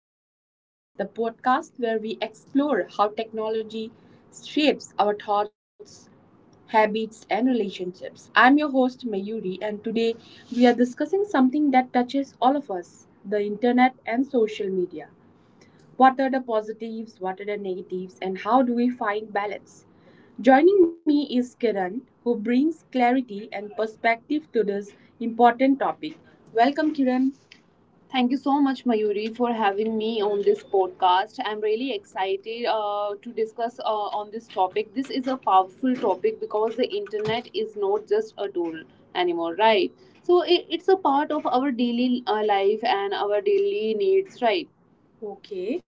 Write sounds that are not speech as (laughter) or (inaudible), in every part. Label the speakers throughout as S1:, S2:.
S1: welcome to Connected Lives, the podcast where we explore how technology shapes our thoughts, habits, and relationships. I'm your host, Mayuri, and today we are discussing something that touches all of us: the internet and social media. What are the positives, what are the negatives, and how do we find balance? Joining me is Kiran, who brings clarity and perspective to this important topic. Welcome, Kiran. Thank you so much, Mayuri, for having me on this podcast. I'm really excited to discuss on this topic. This is a powerful topic because the internet is not just a tool anymore, right? So it's a part of our daily life and our daily needs, right? Okay.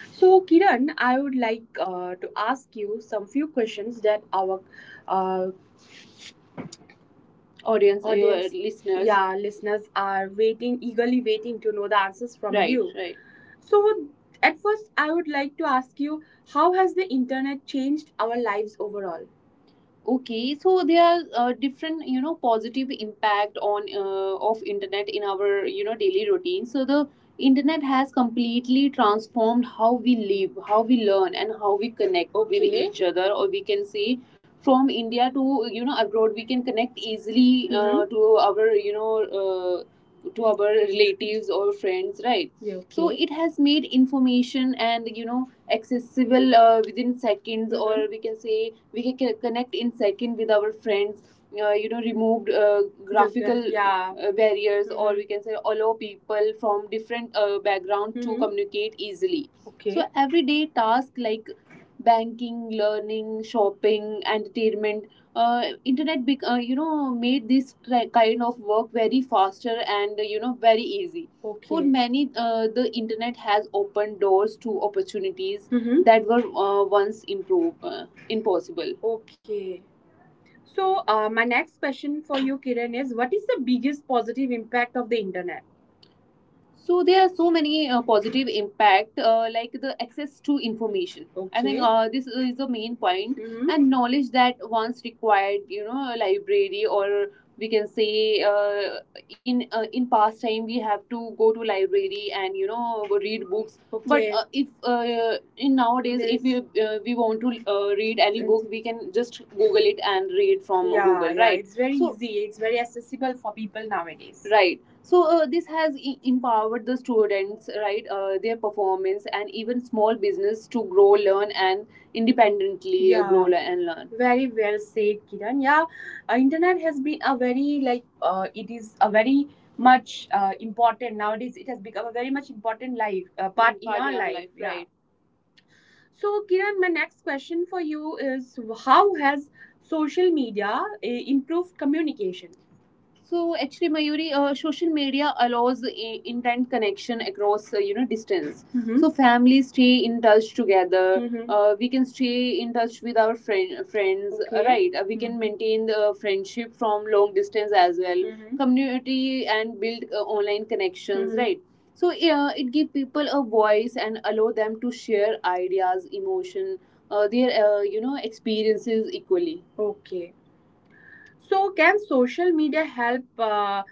S1: So, Kiran, I would like to ask you some few questions that our uh, audience, your listeners. Yeah, listeners are waiting, eagerly waiting to know the answers from, right, you, right. So, at first, I would like to ask you how has the internet changed our lives overall? Okay, so there are different positive impact on of internet in our daily routine. So the internet has completely transformed how we live, how we learn, and how we connect with, okay, each other, or we can say, from india to abroad we can connect easily. Mm-hmm. Mhm. To our, to our relatives or friends, right? Yeah, okay. So, okay, it has made information and accessible within seconds, or we can say we can connect in second with our friends, removed graphical, yeah, barriers. Mhm. Or, mhm, we can say allow people from different background to, mhm, communicate easily. Okay. So, okay, everyday tasks like banking, learning, shopping, entertainment, uh, internet, made this kind of work very faster and very easy. For, okay, many, the internet has opened doors to opportunities, mm-hmm, that were once impossible. Okay. So, my next question for you, Kiran, is what is the biggest positive impact of the internet? So there are so many positive impact, like the access to information. I think, okay, this is the main point, and knowledge that once required, a library, or we can say, in past time we have to go to library and read books. But, okay, if, in nowadays, if, this, we, yes, we want to read any book, we can just Google it and read from, yeah, Google, yeah, right? It's very, so easy. It's very accessible for people nowadays, right? So this has empowered the students, right? Their performance and even small business to grow, learn, and independently, yeah, grow, yeah, and learn. Very well said, Kiran. Yeah, internet has been a very, like, it is a very much important nowadays. It has become a very much important life, part, mm, in, part our in our life, life, yeah, right? So, Kiran, my next question for you is: how has social media improved communication? So actually, Mayuri, social media allows intent connection across, distance. Mhm. So families stay in touch together. Mhm. We can stay in touch with our friends, okay, right? We can, mhm, maintain the friendship from long distance as well. Mhm. Community and build online connections, mhm, right? So yeah, it give people a voice and allow them to share ideas, emotion, their, experiences equally. Okay. So, can social media help uh,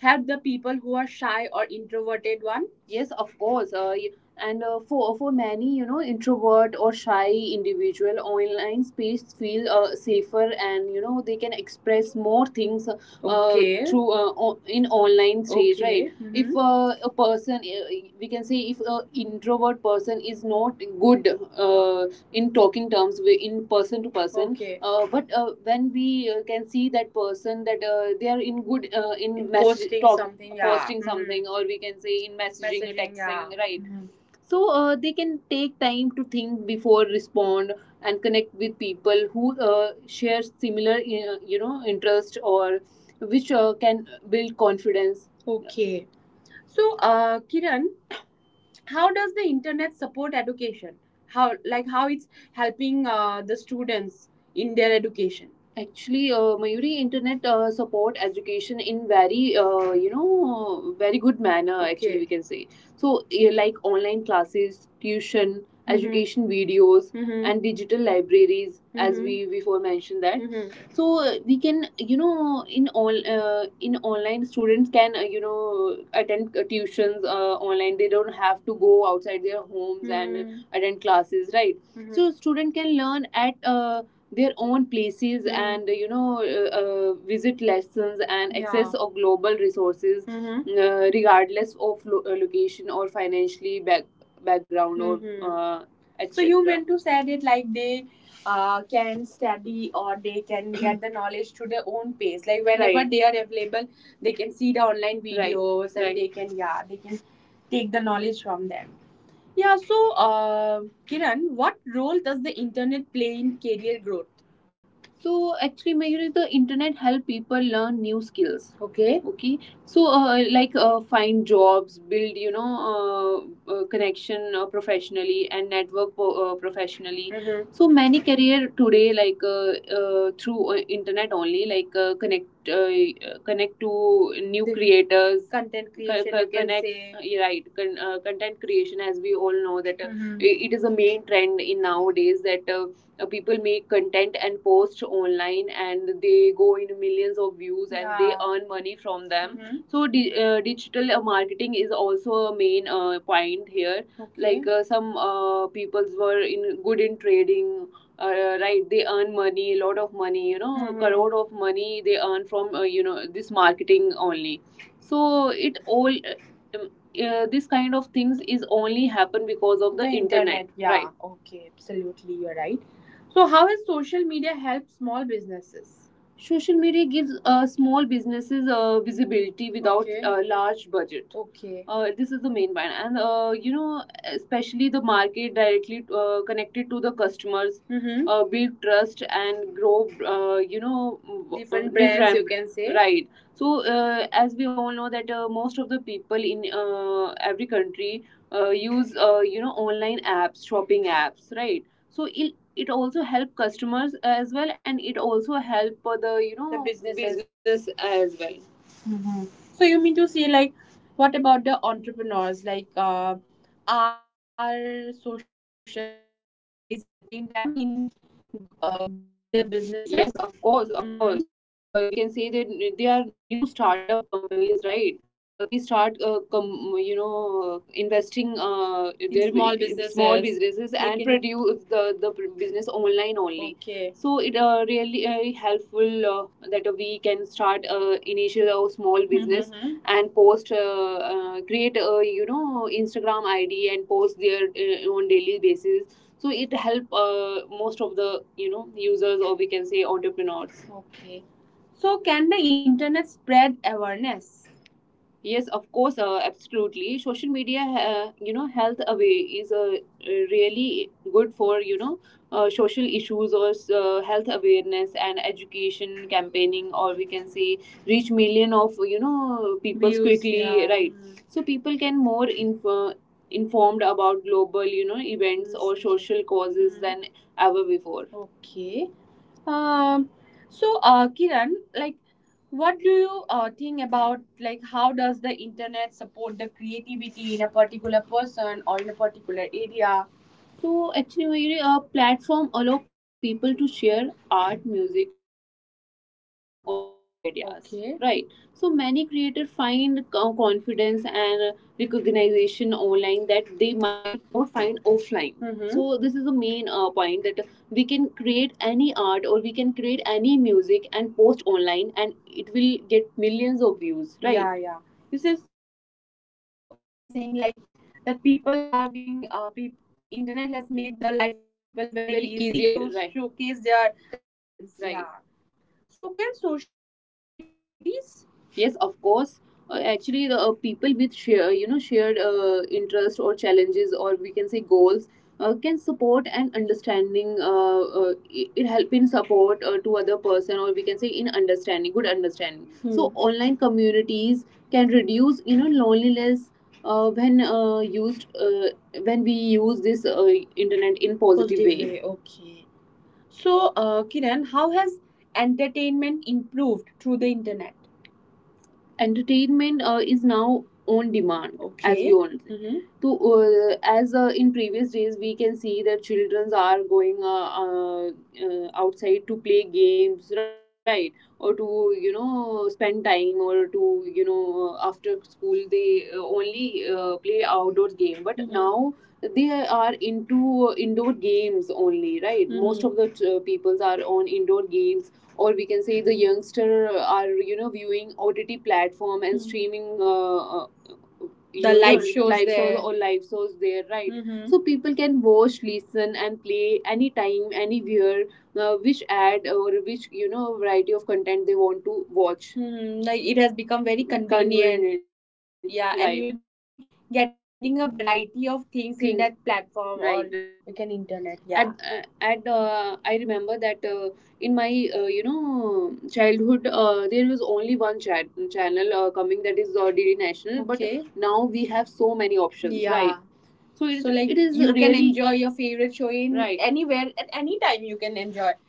S1: help the people who are shy or introverted one? Yes, of course. And for many, you know, introvert or shy individual, online space feel safer, and they can express more things, okay, through in online stage, okay, right? Okay. If, a person, we can say, if a introvert person is not good uh, in talking terms, in person to person, okay, but when we can see that person, that they are in good, in message posting, something, yeah, posting, mhm, something, or we can say, in messaging, messaging, texting, yeah, right, mm-hmm. So they can take time to think before respond and connect with people who share similar, interest, or which can build confidence. Okay. So, Kiran, how does the internet support education, how, like, how it's helping the students in their education? Actually, Mayuri, internet support education in very, very good manner. Actually, okay, we, okay, can say, so yeah, like online classes, tuition, education videos, and digital libraries, as we before mentioned that. Mhm. So we can, in all, in online, students can attend tuitions online. They don't have to go outside their homes and, mhm, attend classes, right? Mhm. So student can learn at their own places, mhm, and visit lessons and access, yeah, of global resources. Mhm. uh, regardless of location or financially background, or, mhm, so you, etc., meant to say it, like, they can study, or they can get the (clears throat) knowledge to their own pace. Like, whenever, right, they are available, they can see the online, right, videos, right, and, right, they can, yeah, they can take the knowledge from them. Yeah. So, Kiran, what role does the internet play in career growth? So actually, majorly the internet help people learn new skills. Okay. Okay, so like find jobs, build, connection professionally, and network professionally. Mm-hmm. So many career today, like, through internet only, like connect, connect to new, the creators, content creation, you can connect, say, yeah, right, content creation, as we all know that it is a main trend in nowadays, that people make content and post online, and they go in millions of views, and, yeah, they, yeah, earn money from them. Mhm. So digital marketing is also a main point here. Okay. Like some peoples were in good in trading, uh, right, they earn money, a lot of money, you know, mhm, crore of money they earn from, this marketing only. So it all, um, this kind of things is only happen because of the internet. Yeah, right, okay, absolutely, you're right. So, how has social media helped small businesses? Social media gives small businesses visibility without, okay, large budget. Okay. This is the main one, and, especially the market directly connected to the customers, mm-hmm, build trust and grow. Different brands, you can say, right? So, as we all know that most of the people in every country use, online apps, shopping apps, right? So it also help customers as well, and it also help the, the businesses, business as well. Mhm. So you mean to say, like, what about the entrepreneurs? Like, our social media is helping them in growing their businesses. Yes, of course. Of course, we can say that they are new startup companies, right? They start investing in their small businesses, they, and, produce the business online only. Okay. So it, really helpful that we can start initial or small business, mhm, and post, create a, Instagram ID and post their, on daily basis, so it help most of the, users, or we can say, entrepreneurs. Okay. So, can the internet spread awareness? Yes, of course, absolutely. Social media, health away is really good for, social issues or health awareness and education campaigning, or we can say, reach million of, people, views, quickly, yeah, right? Mm. So people can more informed about global, events or, mm, social causes, mm, than ever before. Okay. Um, so, Kiran, like, what do you think about, like, how does the internet support the creativity in a particular person or in a particular area? So actually, a platform allow people to share art, music, writing, or their ideas. Okay. Right. So many creators find confidence and recognition online that they might not find offline. Hmm. So this is the main point that we can create any art or we can create any music and post online, and it will get millions of views. Right. Yeah, yeah. You says you are saying like that people are being people internet has made the life of the people very, very easy easier, to right. Showcase their talents. Right. Yeah. So, can social media create communities? Yes, of course. Actually the people with share you know shared interest or challenges or we can say goals can support and understanding it help in support to other person or we can say in understanding good understanding so. Hmm. Online communities can reduce loneliness when used when we use this internet in positive way, okay. So, Kiran, how has entertainment improved through the internet? Entertainment is now on demand as, okay, as we all know. Mm-hmm. To as in previous days we can see that children are going outside to play games, right, or to you know spend time or to you know after school they only play outdoor game, but mhm, now they are into indoor games only, right. Mm-hmm. Most mhm of the peoples are on indoor games, or we can say the youngster are you know viewing ott platform and mm streaming the live shows live there. Shows or live shows there right. Mhm. So people can watch, listen and play anytime, anywhere which ad or which you know variety of content they want to watch. Hmm, like it has become very convenient. Yeah, and right, you right will be getting a variety of things in Things. That platform, right, or right, right, you can internet. Yeah. At, at I remember that in my you know childhood there was only one chat channel coming, that is dd national, but okay, now we have so many options. Yeah, right. So it, so like it is, you really can enjoy your favorite show in, right, anywhere at any time you can enjoy.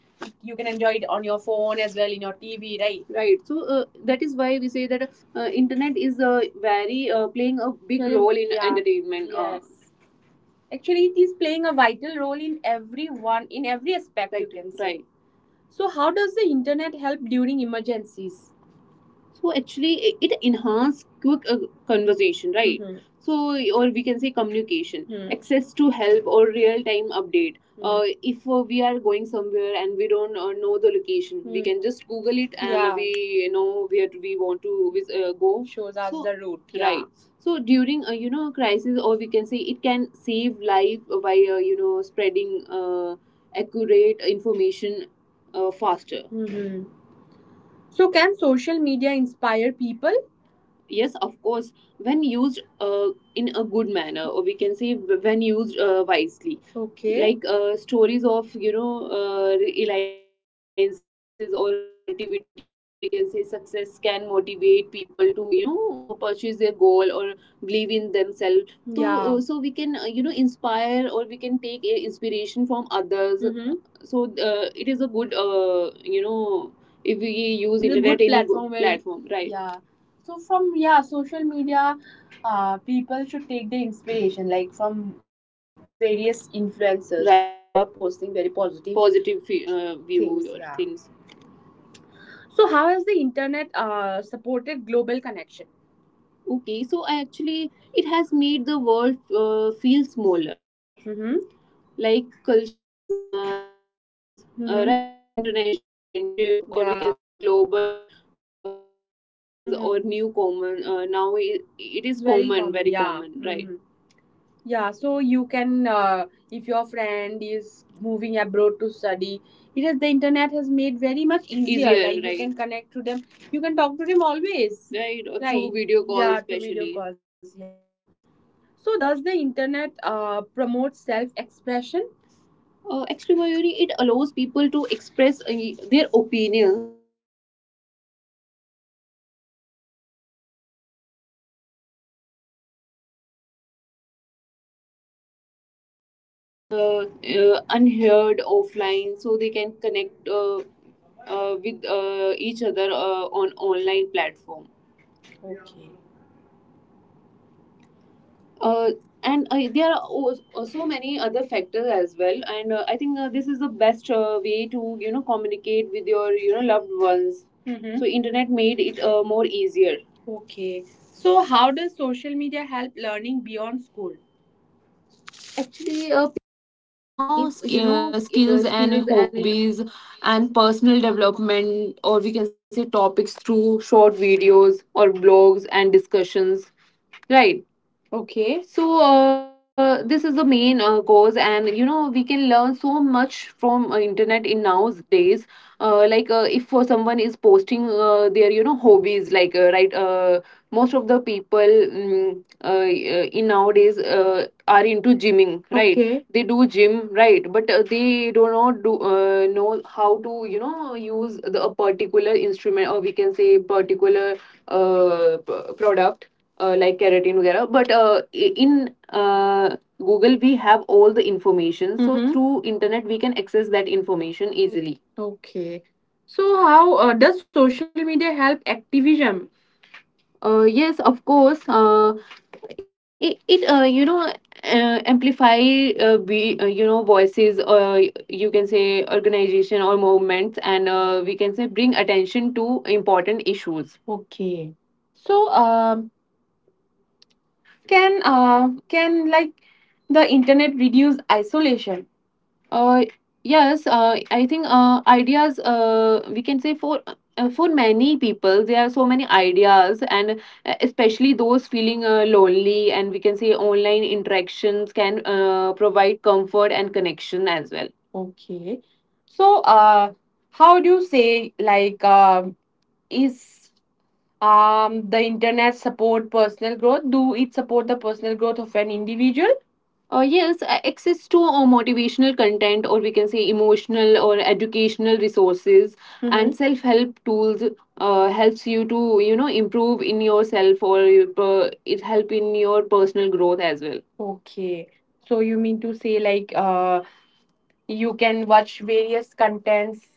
S1: You can enjoy it on your phone as well in your TV, right? Right, so that is why we say that internet is very playing a big, yeah, role in, yeah, entertainment yes. Actually, it is playing a vital role in everyone in every aspect, right, you can say. Right. So, how does the internet help during emergencies? So actually it, it enhance quick conversation, right. Mhm. So, or we can say communication. Hmm. Access to help or real time update. Hmm. If we are going somewhere and we don't know the location, mm-hmm, we hmm can just google it and, yeah, we know where we want to go, shows us so the route. Yeah. Right, so during a you know crisis or we can say it can save life by you know spreading uh, accurate information faster. Mm-hmm. So, can social media inspire people? Yes, of course, when used in a good manner, or we can say when used wisely. Okay. Like stories of you know alliances or creativity, or we can say success can motivate people to you know purchase their goal or believe in themselves. So, yeah, so we can you know inspire or we can take inspiration from others. Hmm. So it is a good you know if we use it's a internet good in a good platform where platform, right. Yeah. So from, yeah, social media people should take the inspiration like from various influencers, right, like, who are posting very positive Positive fe- view Things, or yeah things. So, how has the internet supported global connection? Okay, so I actually it has made the world feel smaller. Mhm. Like cultural exchanges, mhm, right? International friendship, or we can, yeah, say global collaborations, mhm, or new common. Now it is very common, very yeah common, right? Mhm. Yeah, so you can, if your friend is moving abroad to study, it has the internet has made very much easier. Like you right can connect to them, you can talk to them always, right? Or through, right, video calls, yeah, to video especially. calls, Yeah. So does the internet promote self-expression? Actually, Mayuri, it allows people to express their opinions
S2: Unheard offline, so they can connect with each other on online platform. Okay. Uh, and uh, there are also so many other factors as well, and I think this is the best way to communicate with your loved ones. Mhm. So internet made it more easier. Okay. So how does social media help learning beyond school? Actually, life
S3: Skills
S2: skills
S3: and
S2: and
S3: hobbies and personal development, or we can say topics, through short videos or blogs and discussions. Right. Okay, so this is the main cause, and we can learn so much from internet in nowadays. Like, if someone is posting their hobbies, right, most of the people, in nowadays are into gymming, right? Okay. They do gym, right, but they do not do know how to use the a particular instrument, or we can say particular product, like keratin वगैरह, but in uh, Google we have all the information. Mhm. So, mhm, through internet we can access that information easily. Okay. So, how does social media help activism? Yes, of course. It amplify, uh, be, voices, you can say, organization or movements, and we can say bring attention to important issues. Okay. So, um can, like, the internet reduce isolation? uh, yes, I think, ideas, we can say, for, for many people, there are so many ideas, and especially those feeling lonely, and we can say online interactions can provide comfort and connection as well. Okay. So, uh, how do you say, like um is, the internet support personal growth? Do it support the personal growth of an individual? Yes, access to motivational content, or we can say emotional or educational resources, mhm, and self help tools helps you to improve in yourself, or it help in your personal growth as well. Okay. So you mean to say, you can watch various contents?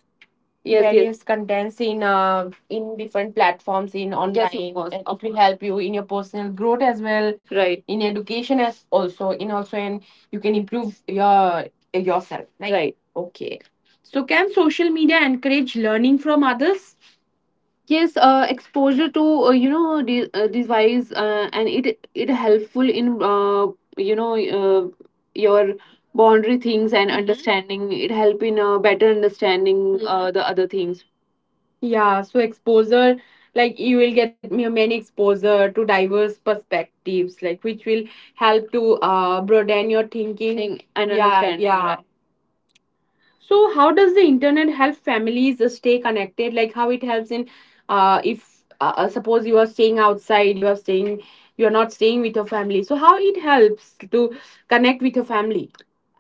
S3: Yes, yes. Various contents in, in different platforms, in online. Yes, of course, and it will help you in your personal growth as well. Right, in education as also in also, and you can improve your yourself, right, right. Okay. So, can social media encourage learning from others? Yes, exposure to these wise, and it helpful in you know uh, your boundary things, and, mhm, understanding. It help in better understanding. Mhm. The other things. Yeah, so exposure, like you will get many exposure to diverse perspectives, like, which will help to broaden your thinking. Think and, yeah, understanding, yeah, right? So, how does the internet help families stay connected? Like how it helps in, if, suppose you are staying outside, you are staying, you are not staying with your family. So, how it helps to connect with your family?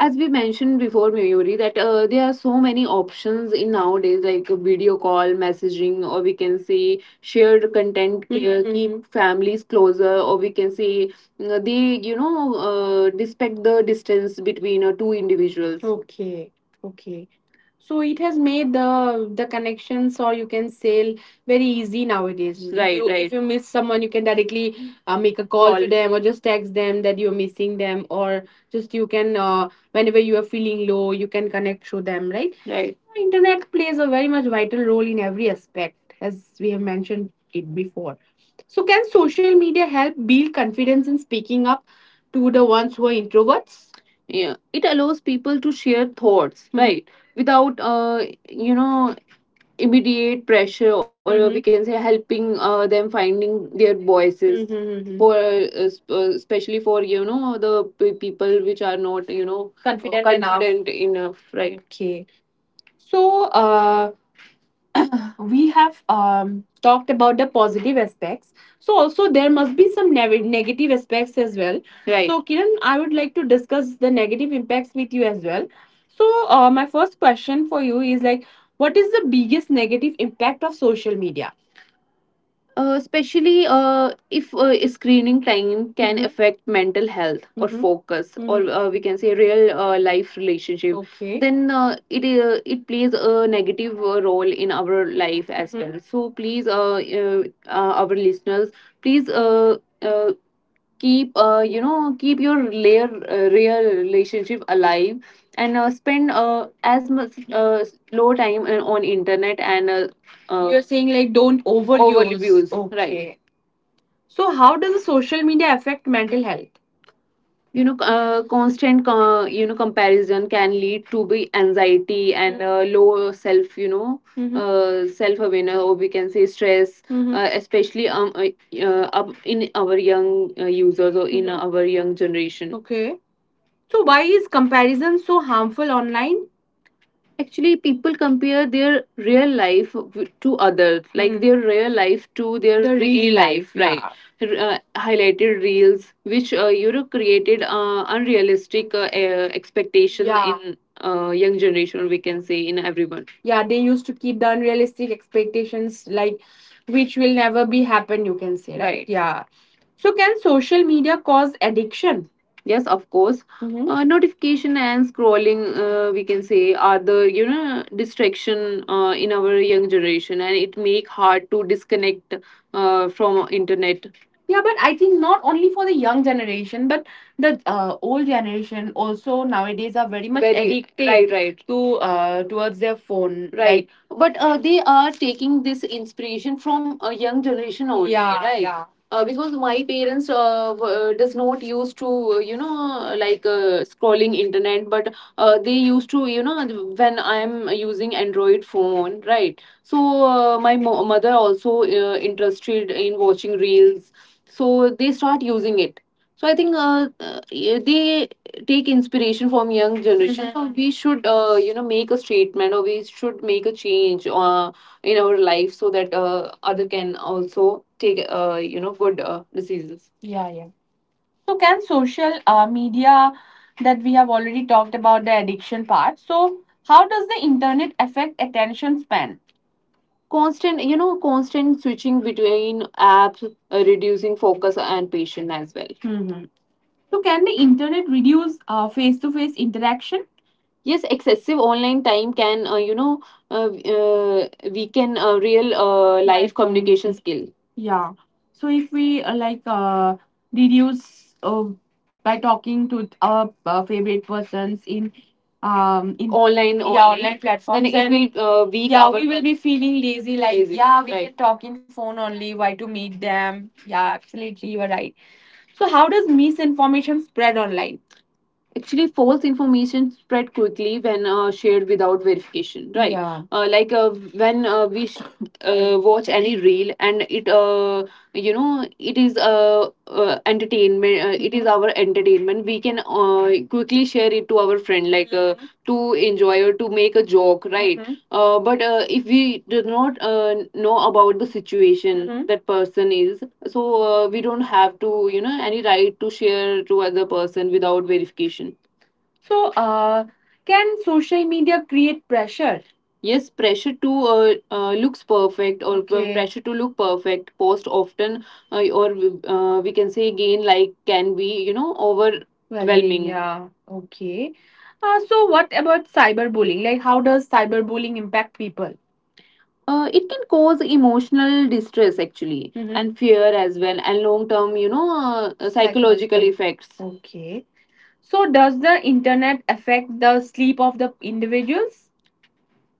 S3: As we mentioned before, Mayuri, that there are so many options in nowadays, like a video call, messaging, or we can say shared content, mhm, keep, mhm, families closer, or we can say they, respect the distance between two individuals. Okay. Ok. So it has made the connections, or you can sell, very easy nowadays. Right. If you, right. If you miss someone, you can directly make a call, call to them, or just text them that you're missing them, or just you can whenever you are feeling low, you can connect through them. Right. Right. Internet plays a very much vital role in every aspect, as we have mentioned it before. So, can social media help build confidence in speaking up to the ones who are introverts? Yeah, it allows people to share thoughts, right? Without immediate pressure, or, mhm, we can say helping them finding their voices. Mhm, mhm, mhm. For especially for the people which are not confident enough. Enough, right. Okay. So, uh, we have talked about the positive aspects. So also, there must be some negative aspects as well. Right. So, Kiran, I would like to discuss the negative impacts with you as well. So, my first question for you is like, what is the biggest negative impact of social media? Especially, if screening time can, mhm, affect mental health, or, mhm, focus, or, mhm, we can say real life relationship. Okay. Then it plays a negative role in our life as, mhm, well. So, please, our listeners, please, uh, keep, keep your layer real relationship alive, and spend as much low time on internet, and, you're saying like, don't overuse. Overviews. Okay, right. Okay. So, how does the social media affect mental health? Constant, comparison can lead to be anxiety, and low self, mhm, self awareness, or we can say stress. Mhm. Especially, up in our young users, or in, mhm, our young generation. Okay. So, why is comparison so harmful online? Actually, people compare their real life to others, like, hmm, their real life to their— the real, real life life, right, yeah. R- uh, Highlighted reels, which created unrealistic expectation. Yeah. In young generation, or we can say in everyone. Yeah, they used to keep the unrealistic expectations, like, which will never be happen, you can say, right? Right. Yeah. So, can social media cause addiction? Yes, of course. Mm-hmm. Notification and scrolling, we can say, are the distraction in our young generation, and it make hard to disconnect from internet. Yeah, but I think not only for the young generation, but the old generation also nowadays are very much very addicted, right, right, to towards their phone. Right. Like, but they are taking this inspiration from a young generation only. Yeah, right, yeah. Because my parents, does not used to uh, you know scrolling internet, but they used to, when I am using android phone, right? So, my mother also interested in watching reels, so they start using it. So, I think they take inspiration from young generation. Mhm. So, we should make a statement, or we should make a change in our life, so that other can also take good decisions. Yeah, yeah. So, can social media— that we have already talked about the addiction part. So, how does the internet affect attention span? Constant, constant switching between apps, reducing focus and patience as well. Mhm. So, can the internet reduce face to face interaction? Yes, excessive online time can uh, uh, weaken a real life communication skill. Yeah. So, if we reduce by talking to our favorite persons in in online, yeah, only online platforms, then platforms it will weak, yeah, our— we will be feeling lazy, like, lazy, yeah, we, right, can talk in phone only, why to meet them? Yeah, absolutely, you are right. So, how does misinformation spread online? Actually, false information spread quickly when shared without verification, right? Yeah. Like, when we watch any reel, and it it is entertainment, it is our entertainment, we can quickly share it to our friend, like, to enjoy or to make a joke, right? Mhm. But if we do not know about the situation that person is, so we don't have to, any right to share to other person without verification. So, can social media create pressure? Yes, pressure to looks perfect, or okay, pressure to look perfect, post often, or we can say again, like, can be, overwhelming, overwhelming, yeah. Okay. So, what about cyberbullying? Like, how does cyberbullying impact people? It can cause emotional distress actually. Mhm. And fear as well, and long term, psychological— psychological effects. Okay. So, does the internet affect the sleep of the individuals?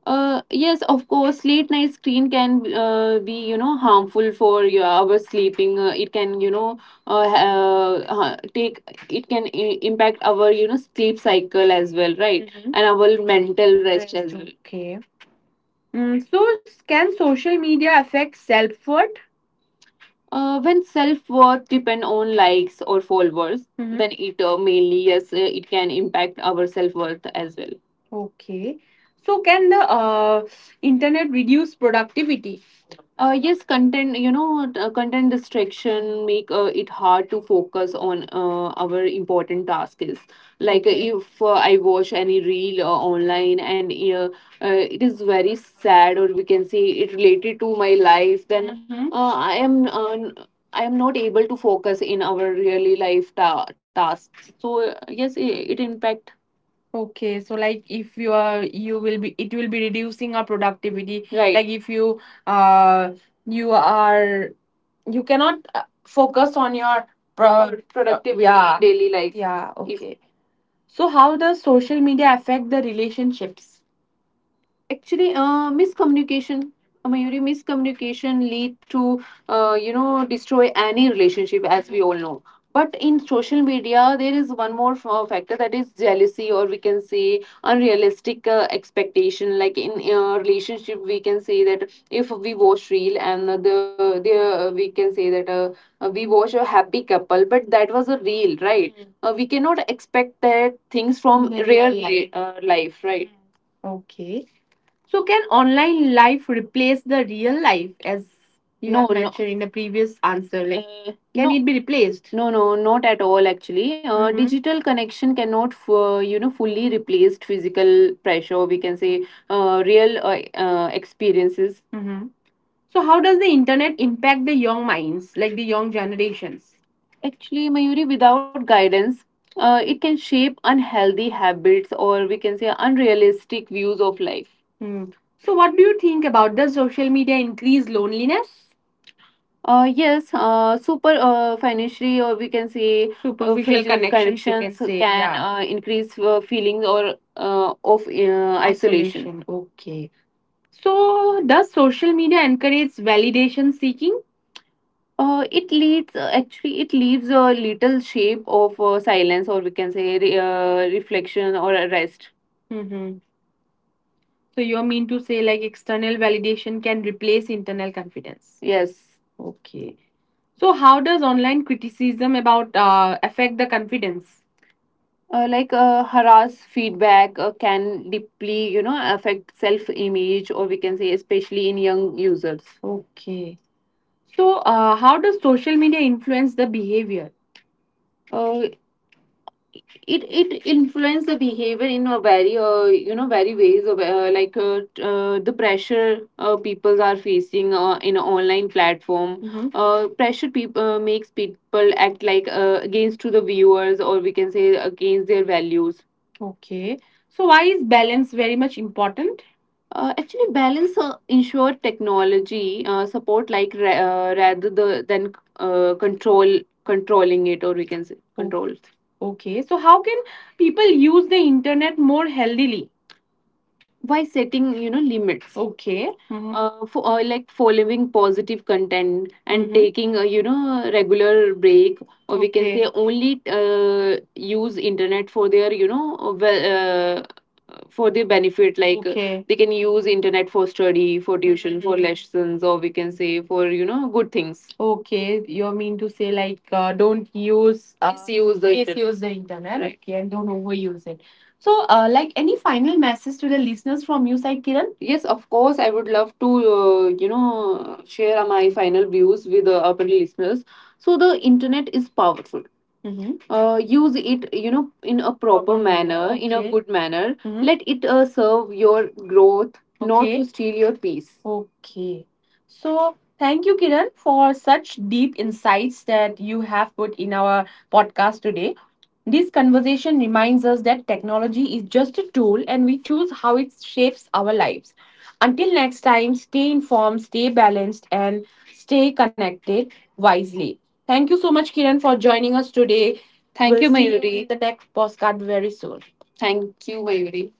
S3: Yes, of course. Late night screen can be, you know, harmful for your our sleeping. It can, uh, take— impact our, you know, sleep cycle as well, right. Mhm. And our mental rest. Rest, as, rest, well. Okay. Mm, so, can social media affect self worth? When self worth depend on likes or followers, hmm, then it mainly, yes, it can impact our self worth as well. Okay. So, can the internet reduce productivity? Yes, content, content distraction make it hard to focus on our important task is like if I watch any reel online and it is very sad, or we can say it related to my life, then Mhm. I am not able to focus in our really life tasks. So yes, it impact. Okay, so like if you are you will be it will be reducing our productivity. Right. Like if you uh you are you cannot focus on your productivity in yeah daily life. Yeah. If okay. So how does social media affect the relationships? Actually miscommunication, really, miscommunication lead to destroy any relationship, as we all know. But in social media there is one more factor, that is jealousy, or we can say unrealistic expectation. Like in a relationship, we can say that if we watch reel and the we can say that we watch a happy couple, but that was a reel, right? Mm. We cannot expect that things from the real life. Life, right? Okay. So can online life replace the real life as you No, have no. mentioned in the previous answer? Like can no, it be replaced? No, Not at all. Actually, Mm-hmm. Digital connection cannot, fully replace physical pressure. We can say real experiences. So, how does the internet impact the young minds, like the young generations? Actually, Mayuri, without guidance, it can shape unhealthy habits, or we can say unrealistic views of life. Hmm. So, what do you think about, does social media increase loneliness? Yes, super financially or we can say superficial facial connections you can connections say, can yeah, increase feelings or of isolation. Isolation, okay. So, does social media encourage validation seeking? It leads, actually it leaves a little shape of silence, or we can say reflection, or a rest. Mm-hmm. So you mean to say like external validation can replace internal confidence? Yes. Okay. So how does online criticism about affect the confidence? Like harass feedback can deeply affect self image, or we can say especially in young users. Okay. So, how does social media influence the behavior? Uh, it influences the behavior in a very you know very ways of like the pressure people are facing in an online platform. Mhm. Pressure people makes people act like against to the viewers, or we can say against their values. Okay. So why is balance very much important? Actually, balance ensure technology support, like rather than controlling it, or we can say controls. Okay, so how can people use the internet more healthily? By setting limits, Okay. For like following positive content, and hmm taking a regular break, or we can Okay. say only use internet for their well, for their benefit, like Okay. they can use internet for study, for tuition, for Mhm. lessons, or we can say for good things. Okay, you mean to say like don't use Misuse the internet. Misuse the internet, Right. okay, and don't overuse it. So, like any final message to the listeners from you side, Kiran? Yes, of course, I would love to share my final views with our listeners. So the internet is powerful. Mm-hmm. Use it in a proper manner, in a Okay. good manner. Mhm. Let it serve your growth, not Okay. to Okay. steal your peace. Okay. So thank you, Kiran, for such deep insights that you have put in our podcast today. This conversation reminds us that technology is just a tool, and we choose how it shapes our lives. Until next time, stay informed, stay balanced, and stay connected wisely. Thank you so much, Kiran, for joining us today. Thank We'll you, see Mayuri. In the next postcard very soon. Thank you, Mayuri.